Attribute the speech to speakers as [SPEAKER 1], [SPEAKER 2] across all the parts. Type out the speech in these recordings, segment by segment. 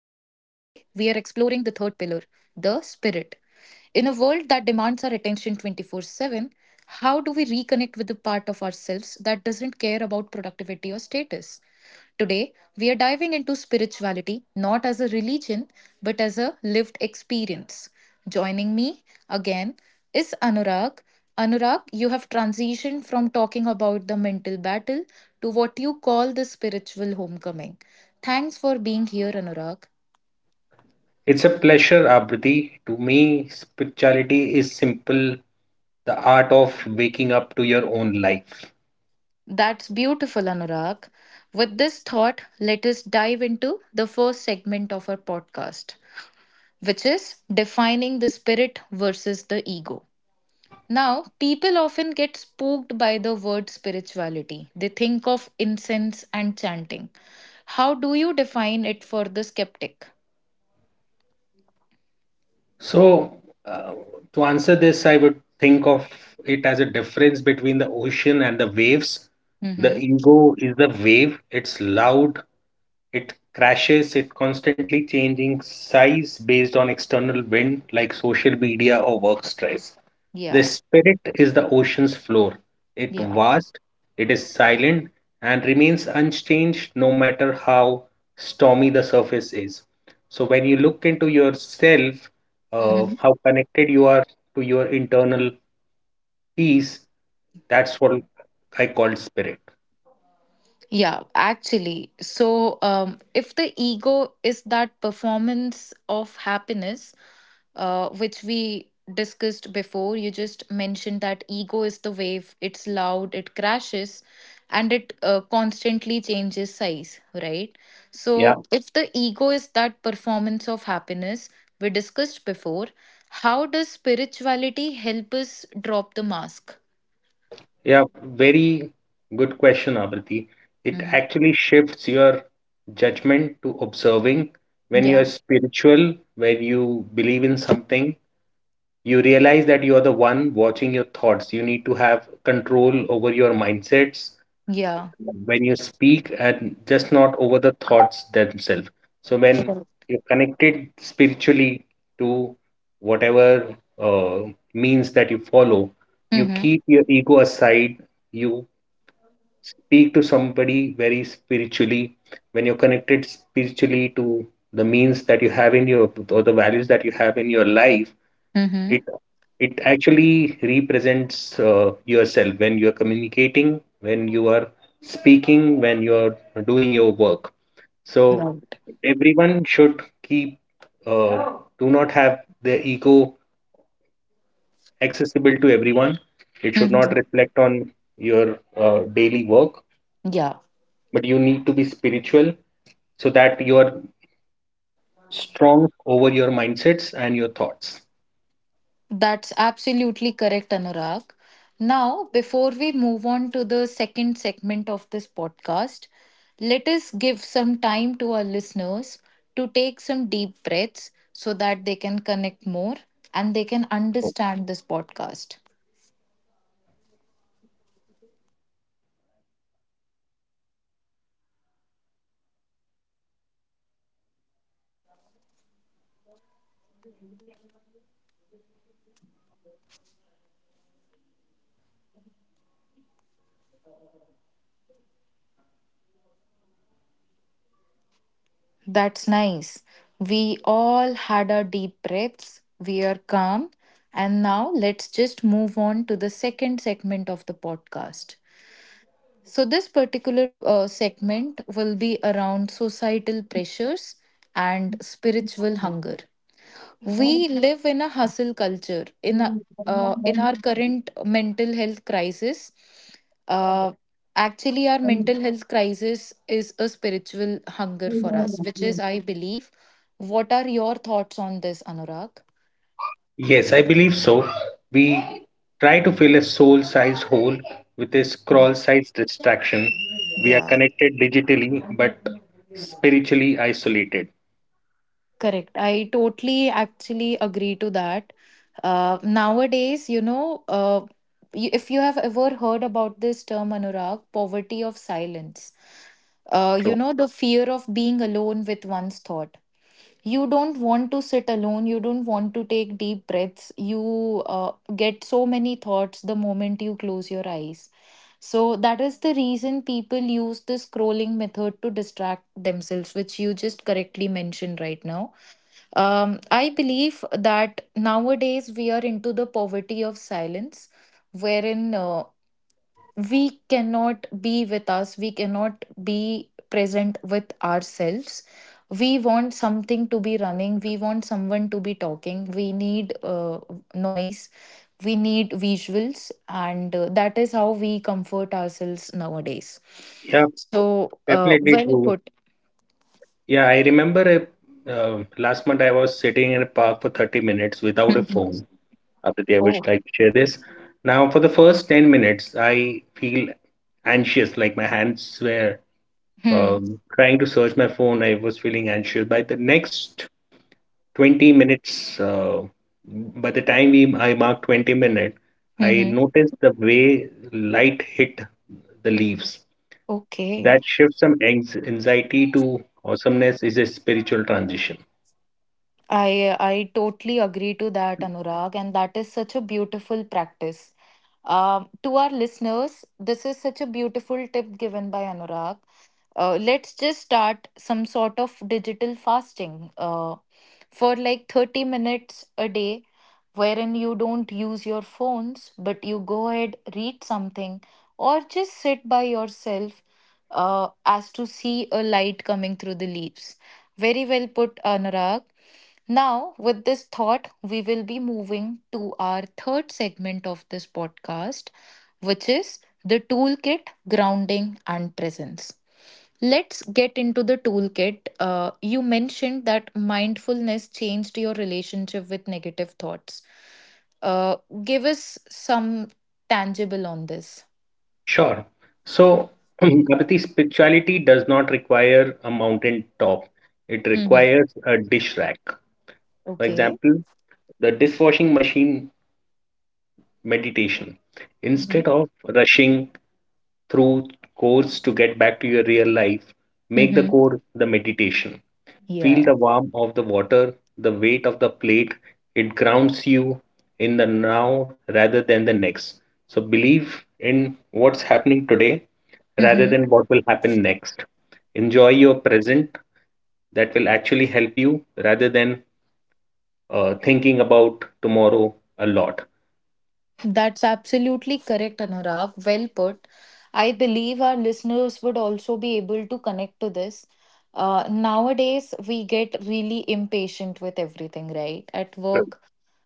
[SPEAKER 1] spirit. In a world that demands our attention 24/7, how do we reconnect with the part of ourselves that doesn't care about productivity or status? Today, we are diving into spirituality not as a religion but as a lived experience. Joining me again is Anurag. Anurag, you have transitioned from talking about the mental battle to what you call the spiritual homecoming. Thanks for being here, Anurag.
[SPEAKER 2] It's a pleasure, Abriti. To me, spirituality is simple, the art of waking up to your own life.
[SPEAKER 1] That's beautiful, Anurag. With this thought, let us dive into the first segment of our podcast, which is defining the spirit versus the ego. Now, people often get spooked by the word spirituality. They think of incense and chanting. How do you define it for the skeptic?
[SPEAKER 2] So, uh, to answer this, I would think of it as a difference between the ocean and the waves. The
[SPEAKER 1] Mm-hmm.
[SPEAKER 2] ego is the wave. It's loud, it crashes, it constantly changing size based on external wind like social media or work stress. The
[SPEAKER 1] Yeah,
[SPEAKER 2] spirit is the ocean's floor. It
[SPEAKER 1] yeah.
[SPEAKER 2] vast, it is silent, and remains unchanged no matter how stormy the surface is. So when you look into yourself,
[SPEAKER 1] Mhm.
[SPEAKER 2] how connected you are to your internal peace. That's what I call spirit.
[SPEAKER 1] Yeah, actually. So, if the ego is that performance of happiness, which we discussed before, you just mentioned that ego is the wave, it's loud, it crashes, and it constantly changes size, right?
[SPEAKER 2] Yeah,
[SPEAKER 1] So, if the ego is that performance of happiness we discussed before, how does spirituality help us drop the mask?
[SPEAKER 2] yeah, Very good question, Abriti. It
[SPEAKER 1] Mm-hmm.
[SPEAKER 2] actually shifts your judgment to observing. When you are
[SPEAKER 1] Yeah,
[SPEAKER 2] spiritual, where you believe in something, you realize that you are the one watching your thoughts. You need to have control over your mindsets
[SPEAKER 1] yeah.
[SPEAKER 2] when you speak and just not over the thoughts themselves. So when you're connected spiritually to whatever uh, means that you follow, you
[SPEAKER 1] Mm-hmm.
[SPEAKER 2] keep your ego aside. You speak to somebody very spiritually. When you're connected spiritually to the means that you have in your, or the values that you have in your life, it
[SPEAKER 1] Mm-hmm.
[SPEAKER 2] it actually represents yourself when you are communicating, when you are speaking, when you are doing your work. So
[SPEAKER 1] Right.
[SPEAKER 2] everyone should keep, uh, do not have their ego accessible to everyone. It should not
[SPEAKER 1] Mhm.
[SPEAKER 2] reflect on your daily work,
[SPEAKER 1] Yeah,
[SPEAKER 2] but you need to be spiritual so that you are strong over your mindsets and your thoughts.
[SPEAKER 1] that's absolutely correct, Anurag. Now, before we move on to the second segment of this podcast, let us give some time to our listeners to take some deep breaths so that they can connect more and they can understand this podcast. That's nice. We all had our deep breaths. We are calm. And now let's just move on to the second segment of the podcast. So, this particular segment will be around societal pressures and spiritual hunger. We live in a hustle culture. In our current mental health crisis, uh, actually, our mental health crisis is a spiritual hunger for us, which is, I believe. What are your thoughts on this, Anurag?
[SPEAKER 2] Yes, I believe so. We try to fill a soul sized hole with a scroll sized distraction. We are
[SPEAKER 1] Yeah.
[SPEAKER 2] connected digitally but spiritually isolated.
[SPEAKER 1] Correct. I totally actually agree to that. Nowadays, you know, if you have ever heard about this term, Anurag, poverty of silence, you
[SPEAKER 2] True.
[SPEAKER 1] know, the fear of being alone with one's thought. You don't want to sit alone. You don't want to take deep breaths. You uh, get so many thoughts the moment you close your eyes. So that is the reason people use the scrolling method to distract themselves, which you just correctly mentioned right now. I believe that nowadays we are into the poverty of silence, wherein we cannot be with us, we cannot be present with ourselves. We want something to be running, we want someone to be talking, we need noise, we need visuals, and that is how we comfort ourselves nowadays.
[SPEAKER 2] Yeah,
[SPEAKER 1] So,
[SPEAKER 2] definitely
[SPEAKER 1] well
[SPEAKER 2] true.
[SPEAKER 1] put.
[SPEAKER 2] Yeah, I remember last month I was sitting in a park for 30 minutes without a
[SPEAKER 1] Mhm.
[SPEAKER 2] phone. After, I would
[SPEAKER 1] Oh.
[SPEAKER 2] like to share this. Now, for the first 10 minutes, I feel anxious, like my hands were
[SPEAKER 1] Hmm.
[SPEAKER 2] trying to search my phone. I was feeling anxious. By the next 20 minutes. By the time I marked 20 minutes, I
[SPEAKER 1] Hmm.
[SPEAKER 2] noticed the way light hit the leaves.
[SPEAKER 1] Okay.
[SPEAKER 2] That shifts from anxiety to awesomeness is a spiritual transition.
[SPEAKER 1] I totally agree to that, Anurag, and that is such a beautiful practice. To our listeners, this is such a beautiful tip given by Anurag. Let's just start some sort of digital fasting for like 30 minutes a day, wherein you don't use your phones, but you go ahead, read something, or just sit by yourself as to see a light coming through the leaves. Very well put, Anurag. Now, with this thought, we will be moving to our third segment of this podcast, which is the toolkit, grounding, and presence. Let's get into the toolkit. You mentioned that mindfulness changed your relationship with negative thoughts. Uh, give us some tangible on this.
[SPEAKER 2] Sure. So, Kapati, spirituality does not require a mountain top. It
[SPEAKER 1] Hmm.
[SPEAKER 2] requires a dish rack. For
[SPEAKER 1] Okay.
[SPEAKER 2] example, the dishwashing machine meditation.
[SPEAKER 1] Mm-hmm.
[SPEAKER 2] Instead of rushing through cores to get back to your real life. Make the
[SPEAKER 1] Mm-hmm.
[SPEAKER 2] core the meditation. Feel
[SPEAKER 1] Yeah.
[SPEAKER 2] the warmth of the water, the weight of the plate. It grounds you in the now rather than the next. So believe in what's happening today rather
[SPEAKER 1] Mm-hmm.
[SPEAKER 2] than what will happen next. Enjoy your present. That will actually help you rather than thinking about tomorrow a lot.
[SPEAKER 1] That's absolutely correct, Anurag. Well put. I believe our listeners would also be able to connect to this. Nowadays, we get really impatient with everything, right? At work,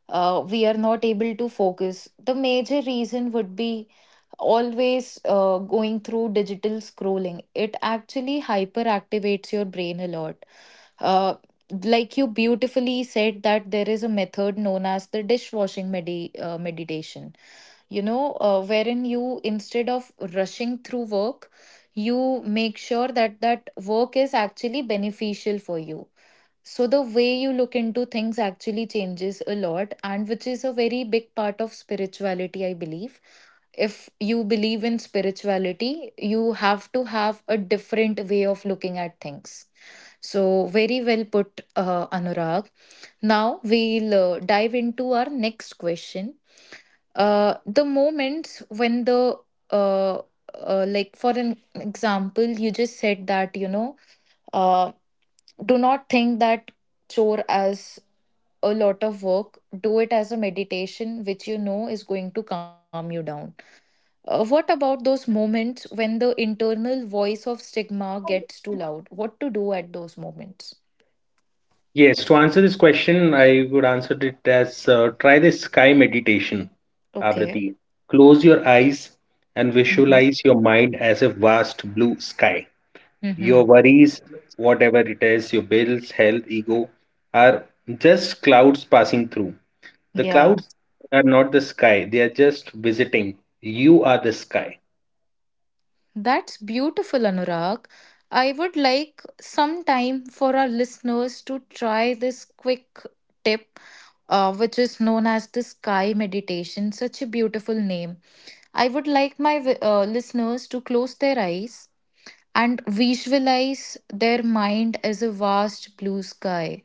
[SPEAKER 1] we are not able to focus. The major reason would be always going through digital scrolling. It actually hyperactivates your brain a lot. Uh, like you beautifully said that there is a method known as the dishwashing meditation, you know, wherein you, instead of rushing through work, you make sure that that work is actually beneficial for you. So the way you look into things actually changes a lot, and which is a very big part of spirituality, I believe. If you believe in spirituality, you have to have a different way of looking at things. So, very well put, Anurag. Now we'll dive into our next question, the moments when the uh, like for an example you just said that, you know, uh, do not think that chore as a lot of work, do it as a meditation which you know is going to calm you down. What about those moments when the internal voice of stigma gets too loud? What to do at those moments?
[SPEAKER 2] Yes, to answer this question, I would answer it as, try the sky meditation,
[SPEAKER 1] Okay.
[SPEAKER 2] Abrati. Close your eyes and
[SPEAKER 1] Mm-hmm.
[SPEAKER 2] visualize your mind as a vast blue sky.
[SPEAKER 1] Mm-hmm.
[SPEAKER 2] Your worries, whatever it is, your bills, health, ego, are just clouds passing through. The
[SPEAKER 1] Yeah.
[SPEAKER 2] clouds are not the sky, they are just visiting. You are the sky.
[SPEAKER 1] That's beautiful, Anurag. I would like some time for our listeners to try this quick tip, which is known as the sky meditation. Such a beautiful name. I would like my listeners to close their eyes and visualize their mind as a vast blue sky.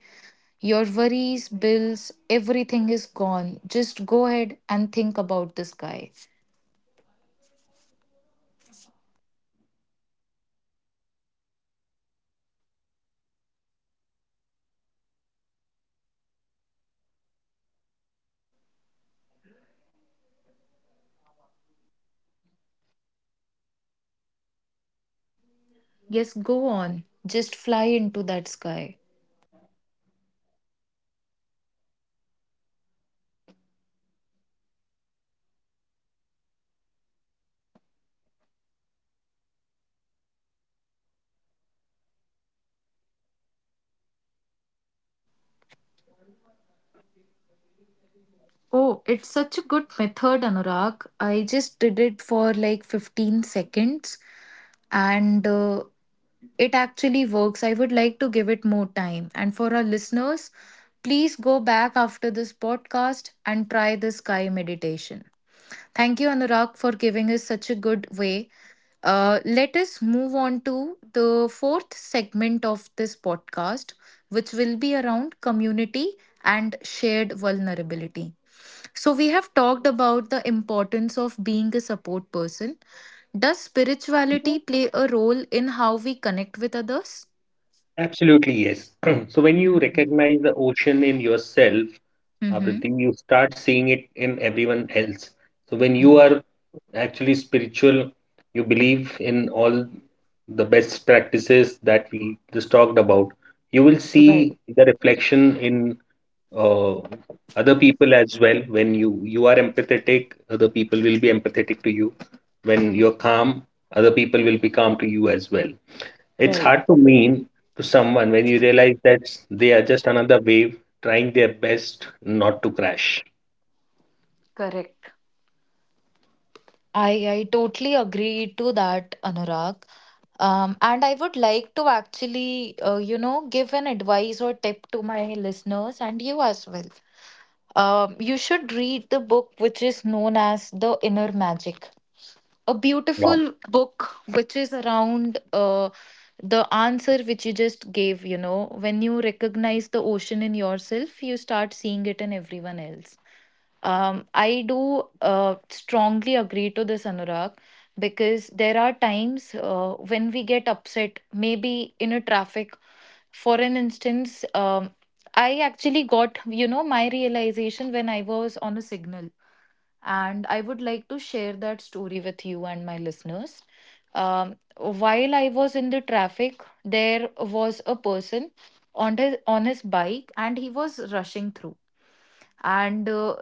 [SPEAKER 1] Your worries, bills, everything is gone. Just go ahead and think about the sky. Yes, go on. Just fly into that sky. Oh, it's such a good method, Anurag. I just did it for like 15 seconds and it actually works. I would like to give it more time. And for our listeners, please go back after this podcast and try this sky meditation. Thank you, Anurag, for giving us such a good way. Let us move on to the fourth segment of this podcast, which will be around community and shared vulnerability. So, we have talked about the importance of being a support person. Does spirituality play a role in how we connect with others?
[SPEAKER 2] Absolutely, yes. So when you
[SPEAKER 1] Mm-hmm.
[SPEAKER 2] recognize the ocean in yourself,
[SPEAKER 1] Mm-hmm.
[SPEAKER 2] Prithvi, you start seeing it in everyone else. So when you are actually spiritual, you believe in all the best practices that we just talked about. You will
[SPEAKER 1] Right,
[SPEAKER 2] see the reflection in uh, other people as well. When you are empathetic, other people will be empathetic to you. When you're calm, other people will be calm to you as well. It's
[SPEAKER 1] right,
[SPEAKER 2] hard to mean to someone when you realize that they are just another wave trying their best not to crash.
[SPEAKER 1] correct. I totally agree to that, Anurag. And I would like to actually, you know, give an advice or tip to my listeners and you as well. You should read the book which is known as The Inner Magic, a
[SPEAKER 2] Wow.
[SPEAKER 1] beautiful book which is around the answer which you just gave, you know, when you recognize the ocean in yourself you start seeing it in everyone else. I do strongly agree to this, Anurag, because there are times when we get upset, maybe in a traffic. For an instance, I actually got, you know, my realization when I was on a signal and I would like to share that story with you and my listeners. While I was in the traffic, there was a person on his bike, and he was rushing through, and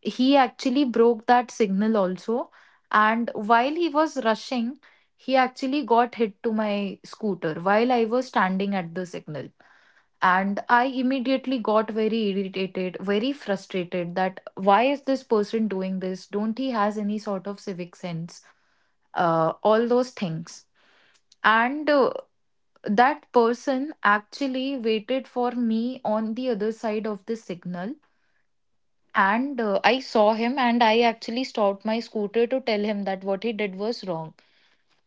[SPEAKER 1] he actually broke that signal also. And while he was rushing, he actually got hit to my scooter while I was standing at the signal, and I immediately got very irritated, very frustrated, that why is this person doing this, don't he has any sort of civic sense, all those things. And that person actually waited for me on the other side of the signal, and I saw him and I actually stopped my scooter to tell him that what he did was wrong.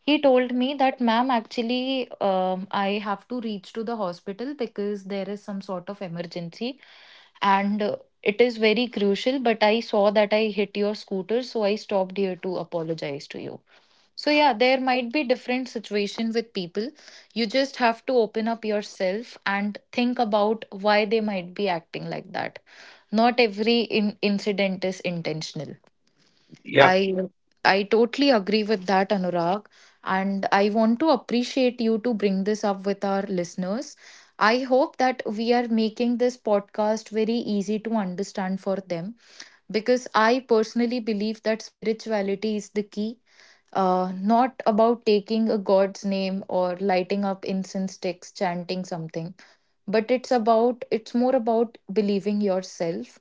[SPEAKER 1] He told me that, ma'am, actually, I have to reach to the hospital because there is some sort of emergency, and it is very crucial. But I saw that I hit your scooter, so I stopped here to apologize to you. So, yeah, there might be different situation with people. You just have to open up yourself and think about why they might be acting like that. Not every incident is intentional.
[SPEAKER 2] Yeah.
[SPEAKER 1] I I totally agree with that, Anurag. And I want to appreciate you to bring this up with our listeners. I hope that we are making this podcast very easy to understand for them because I personally believe that spirituality is the key. Not about taking a God's name or lighting up incense sticks, chanting something, but it's about, it's more about believing yourself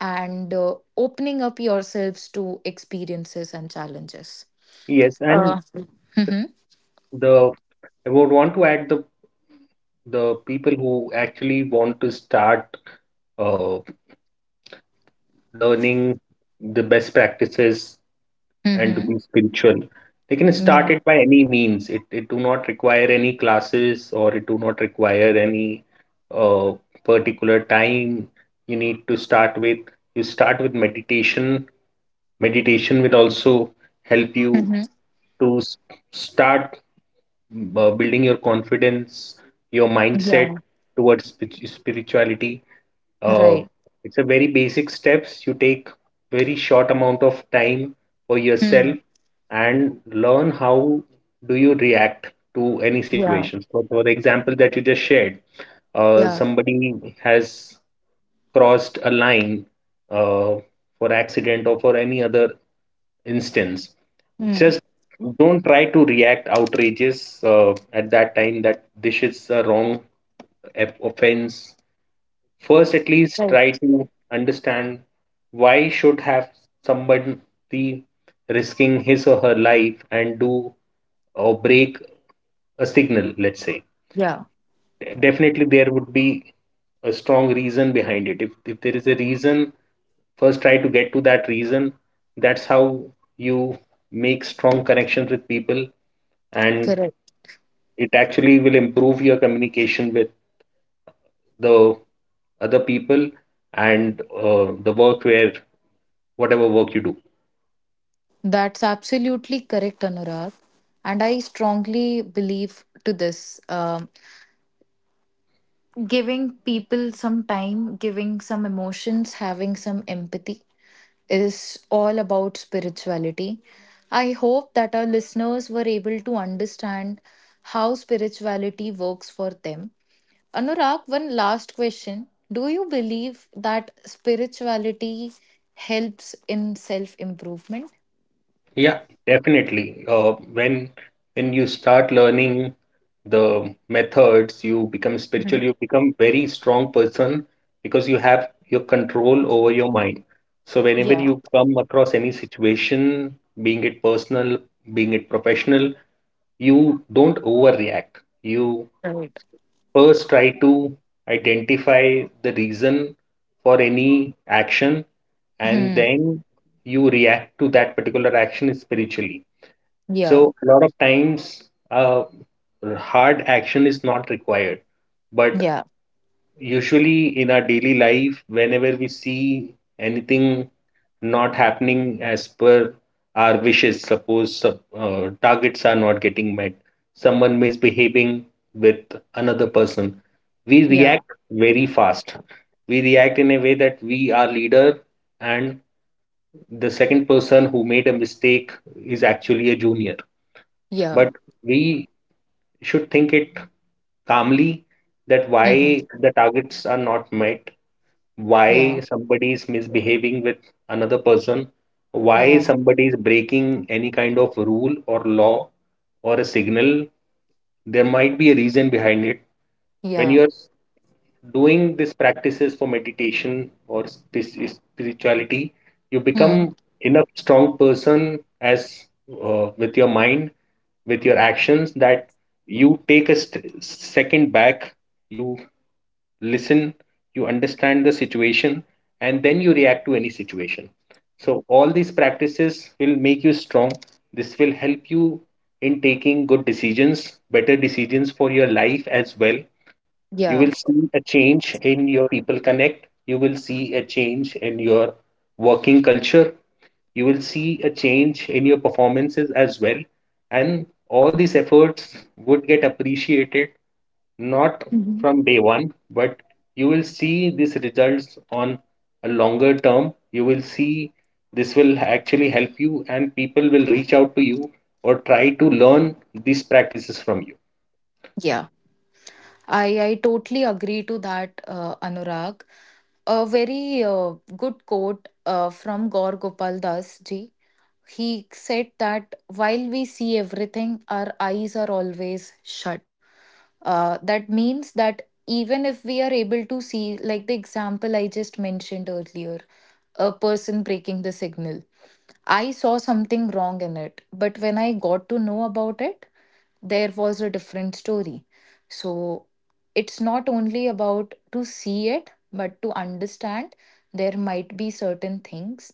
[SPEAKER 1] and opening up yourselves to experiences and challenges.
[SPEAKER 2] Yes, and
[SPEAKER 1] Uh, mm-hmm,
[SPEAKER 2] the I would want to add, the people who actually want to start uh, learning the best practices and to
[SPEAKER 1] mm-hmm,
[SPEAKER 2] be spiritual. They can
[SPEAKER 1] yeah.
[SPEAKER 2] start it by any means. It do not require any classes, or it do not require any uh, particular time. You need to start with you start with meditation. Meditation will also help you
[SPEAKER 1] Mm-hmm,
[SPEAKER 2] to start building your confidence, your mindset
[SPEAKER 1] yeah.
[SPEAKER 2] towards spirituality. uh,
[SPEAKER 1] Right.
[SPEAKER 2] it's a very basic steps you take, very short amount of time for yourself,
[SPEAKER 1] Mm,
[SPEAKER 2] and learn how do you react to any
[SPEAKER 1] yeah.
[SPEAKER 2] situations. So for the example that you just shared,
[SPEAKER 1] Yeah.
[SPEAKER 2] somebody has crossed a line, uh, for accident or for any other instance,
[SPEAKER 1] Mm,
[SPEAKER 2] just don't try to react outrageous at that time, that this is a wrong offense. First, at least try
[SPEAKER 1] right.
[SPEAKER 2] to understand why should have somebody risking his or her life and do or break a signal, let's say.
[SPEAKER 1] Yeah.
[SPEAKER 2] Definitely there would be a strong reason behind it. If there is a reason, first try to get to that reason. That's how you make strong connections with people, and
[SPEAKER 1] Correct.
[SPEAKER 2] it actually will improve your communication with the other people, and the work, where whatever work you do.
[SPEAKER 1] That's absolutely correct, Anurag. And I strongly believe to this. Giving people some time, giving some emotions, having some empathy is all about spirituality. I hope that our listeners were able to understand how spirituality works for them. Anurag, one last question. Do you believe that spirituality helps in self improvement?
[SPEAKER 2] Yeah, definitely. When when you start learning the methods, you become
[SPEAKER 1] Mhm.
[SPEAKER 2] spiritual, you become very strong person, because you have your control over your mind. So whenever
[SPEAKER 1] Yeah,
[SPEAKER 2] you come across any situation, being it personal, being it professional, you don't overreact. You
[SPEAKER 1] right.
[SPEAKER 2] first try to identify the reason for any action, and
[SPEAKER 1] Hmm.
[SPEAKER 2] then you react to that particular action spiritually.
[SPEAKER 1] Yeah.
[SPEAKER 2] So a lot of times, uh, hard action is not required. But
[SPEAKER 1] Yeah.
[SPEAKER 2] usually in our daily life, whenever we see anything not happening as per our wishes, suppose targets are not getting met, someone misbehaving with another person, we
[SPEAKER 1] Yeah.
[SPEAKER 2] react very fast. We react in a way that we are leader, and the second person who made a mistake is actually a junior.
[SPEAKER 1] Yeah.
[SPEAKER 2] But we you should think it calmly, that
[SPEAKER 1] Hmm.
[SPEAKER 2] why the targets are not met,
[SPEAKER 1] Yeah.
[SPEAKER 2] why somebody is misbehaving with another person, why
[SPEAKER 1] Yeah.
[SPEAKER 2] somebody is breaking any kind of rule or law or a signal. There might be a reason behind it. When
[SPEAKER 1] Yeah.
[SPEAKER 2] you are doing these practices for meditation or spirituality, you
[SPEAKER 1] Hmm.
[SPEAKER 2] become enough strong person as, with your mind, with your actions, that you take a second back, you listen, you understand the situation, and then you react to any situation. So all these practices will make you strong. This will help you in taking good decisions, better decisions for your life as well. You will
[SPEAKER 1] Yeah.
[SPEAKER 2] see a change in your people connect. You will see a change in your working culture. You will see a change in your performances as well. And all these efforts would get appreciated, not
[SPEAKER 1] Mhm.
[SPEAKER 2] from day one, but you will see these results on a longer term. You will see this will actually help you, and people will reach out to you or try to learn these practices from you.
[SPEAKER 1] I totally agree to that, Anurag. A very good quote from Gaur Gopal Das ji. He said that while we see everything, our eyes are always shut. That means that even if we are able to see, like the example I just mentioned earlier, a person breaking the signal, I saw something wrong in it. But when I got to know about it, there was a different story. So it's not only about to see it, but to understand there might be certain things.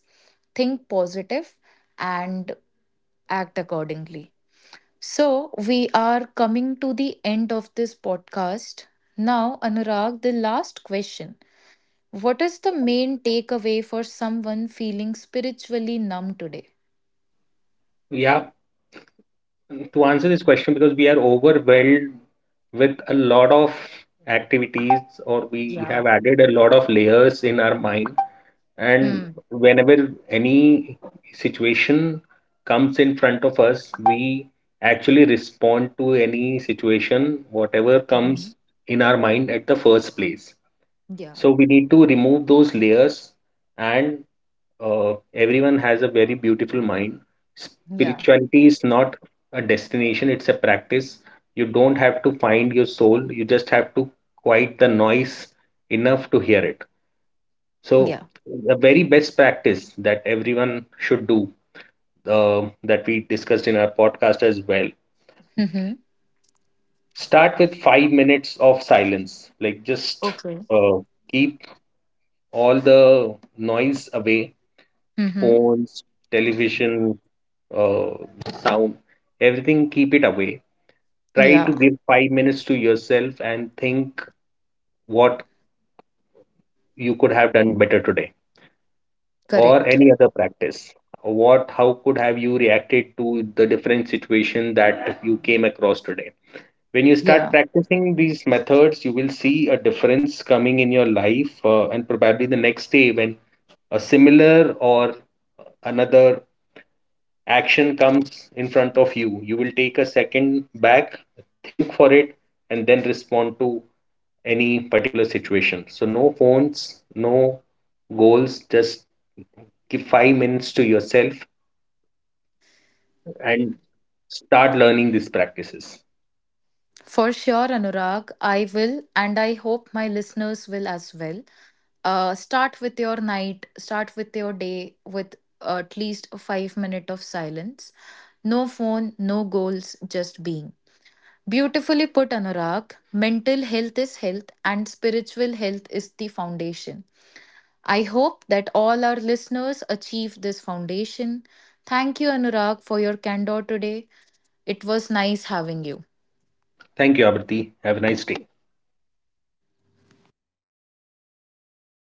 [SPEAKER 1] Think positive and act accordingly. So we are coming to the end of this podcast. Now, Anurag, the last question. What is the main takeaway for someone feeling spiritually numb today?
[SPEAKER 2] Yeah, to answer this question, because we are overwhelmed with a lot of activities, or we
[SPEAKER 1] Yeah.
[SPEAKER 2] have added a lot of layers in our mind, and
[SPEAKER 1] Hmm.
[SPEAKER 2] whenever any situation comes in front of us, we actually respond to any situation whatever
[SPEAKER 1] Mhm.
[SPEAKER 2] comes in our mind at the first place.
[SPEAKER 1] Yeah.
[SPEAKER 2] So we need to remove those layers, and, everyone has a very beautiful mind.
[SPEAKER 1] Yeah.
[SPEAKER 2] Spirituality is not a destination, it's a practice. You don't have to find your soul, you just have to quiet the noise enough to hear it. So,
[SPEAKER 1] Yeah.
[SPEAKER 2] the very best practice that everyone should do, that we discussed in our podcast as well,
[SPEAKER 1] Hmm.
[SPEAKER 2] start with 5 minutes of silence. Like, just
[SPEAKER 1] Okay.
[SPEAKER 2] uh, keep all the noise away,
[SPEAKER 1] Mm-hmm.
[SPEAKER 2] phones, television, uh, sound, everything, keep it away. Try to
[SPEAKER 1] Yeah,
[SPEAKER 2] give 5 minutes to yourself and think what you could have done better today, or
[SPEAKER 1] correct.
[SPEAKER 2] any other practice. What, how could have you reacted to the different situation that you came across today? When you
[SPEAKER 1] Yeah,
[SPEAKER 2] start practicing these methods, you will see a difference coming in your life, and probably the next day when a similar or another action comes in front of you, you will take a second back, think for it, and then respond to any particular situation. So no phones, no goals, just give 5 minutes to yourself and start learning these practices.
[SPEAKER 1] for sure, Anurag. I will, and I hope my listeners will as well. Start with your night, start with your day with at least a 5 minute of silence. No phone, no goals, just being. Beautifully put, Anurag. Mental health is health, and spiritual health is the foundation. I hope that all our listeners achieve this foundation. Thank you, Anurag, for your candor today. It was nice having you.
[SPEAKER 2] Thank you, Abrati. Have a nice day.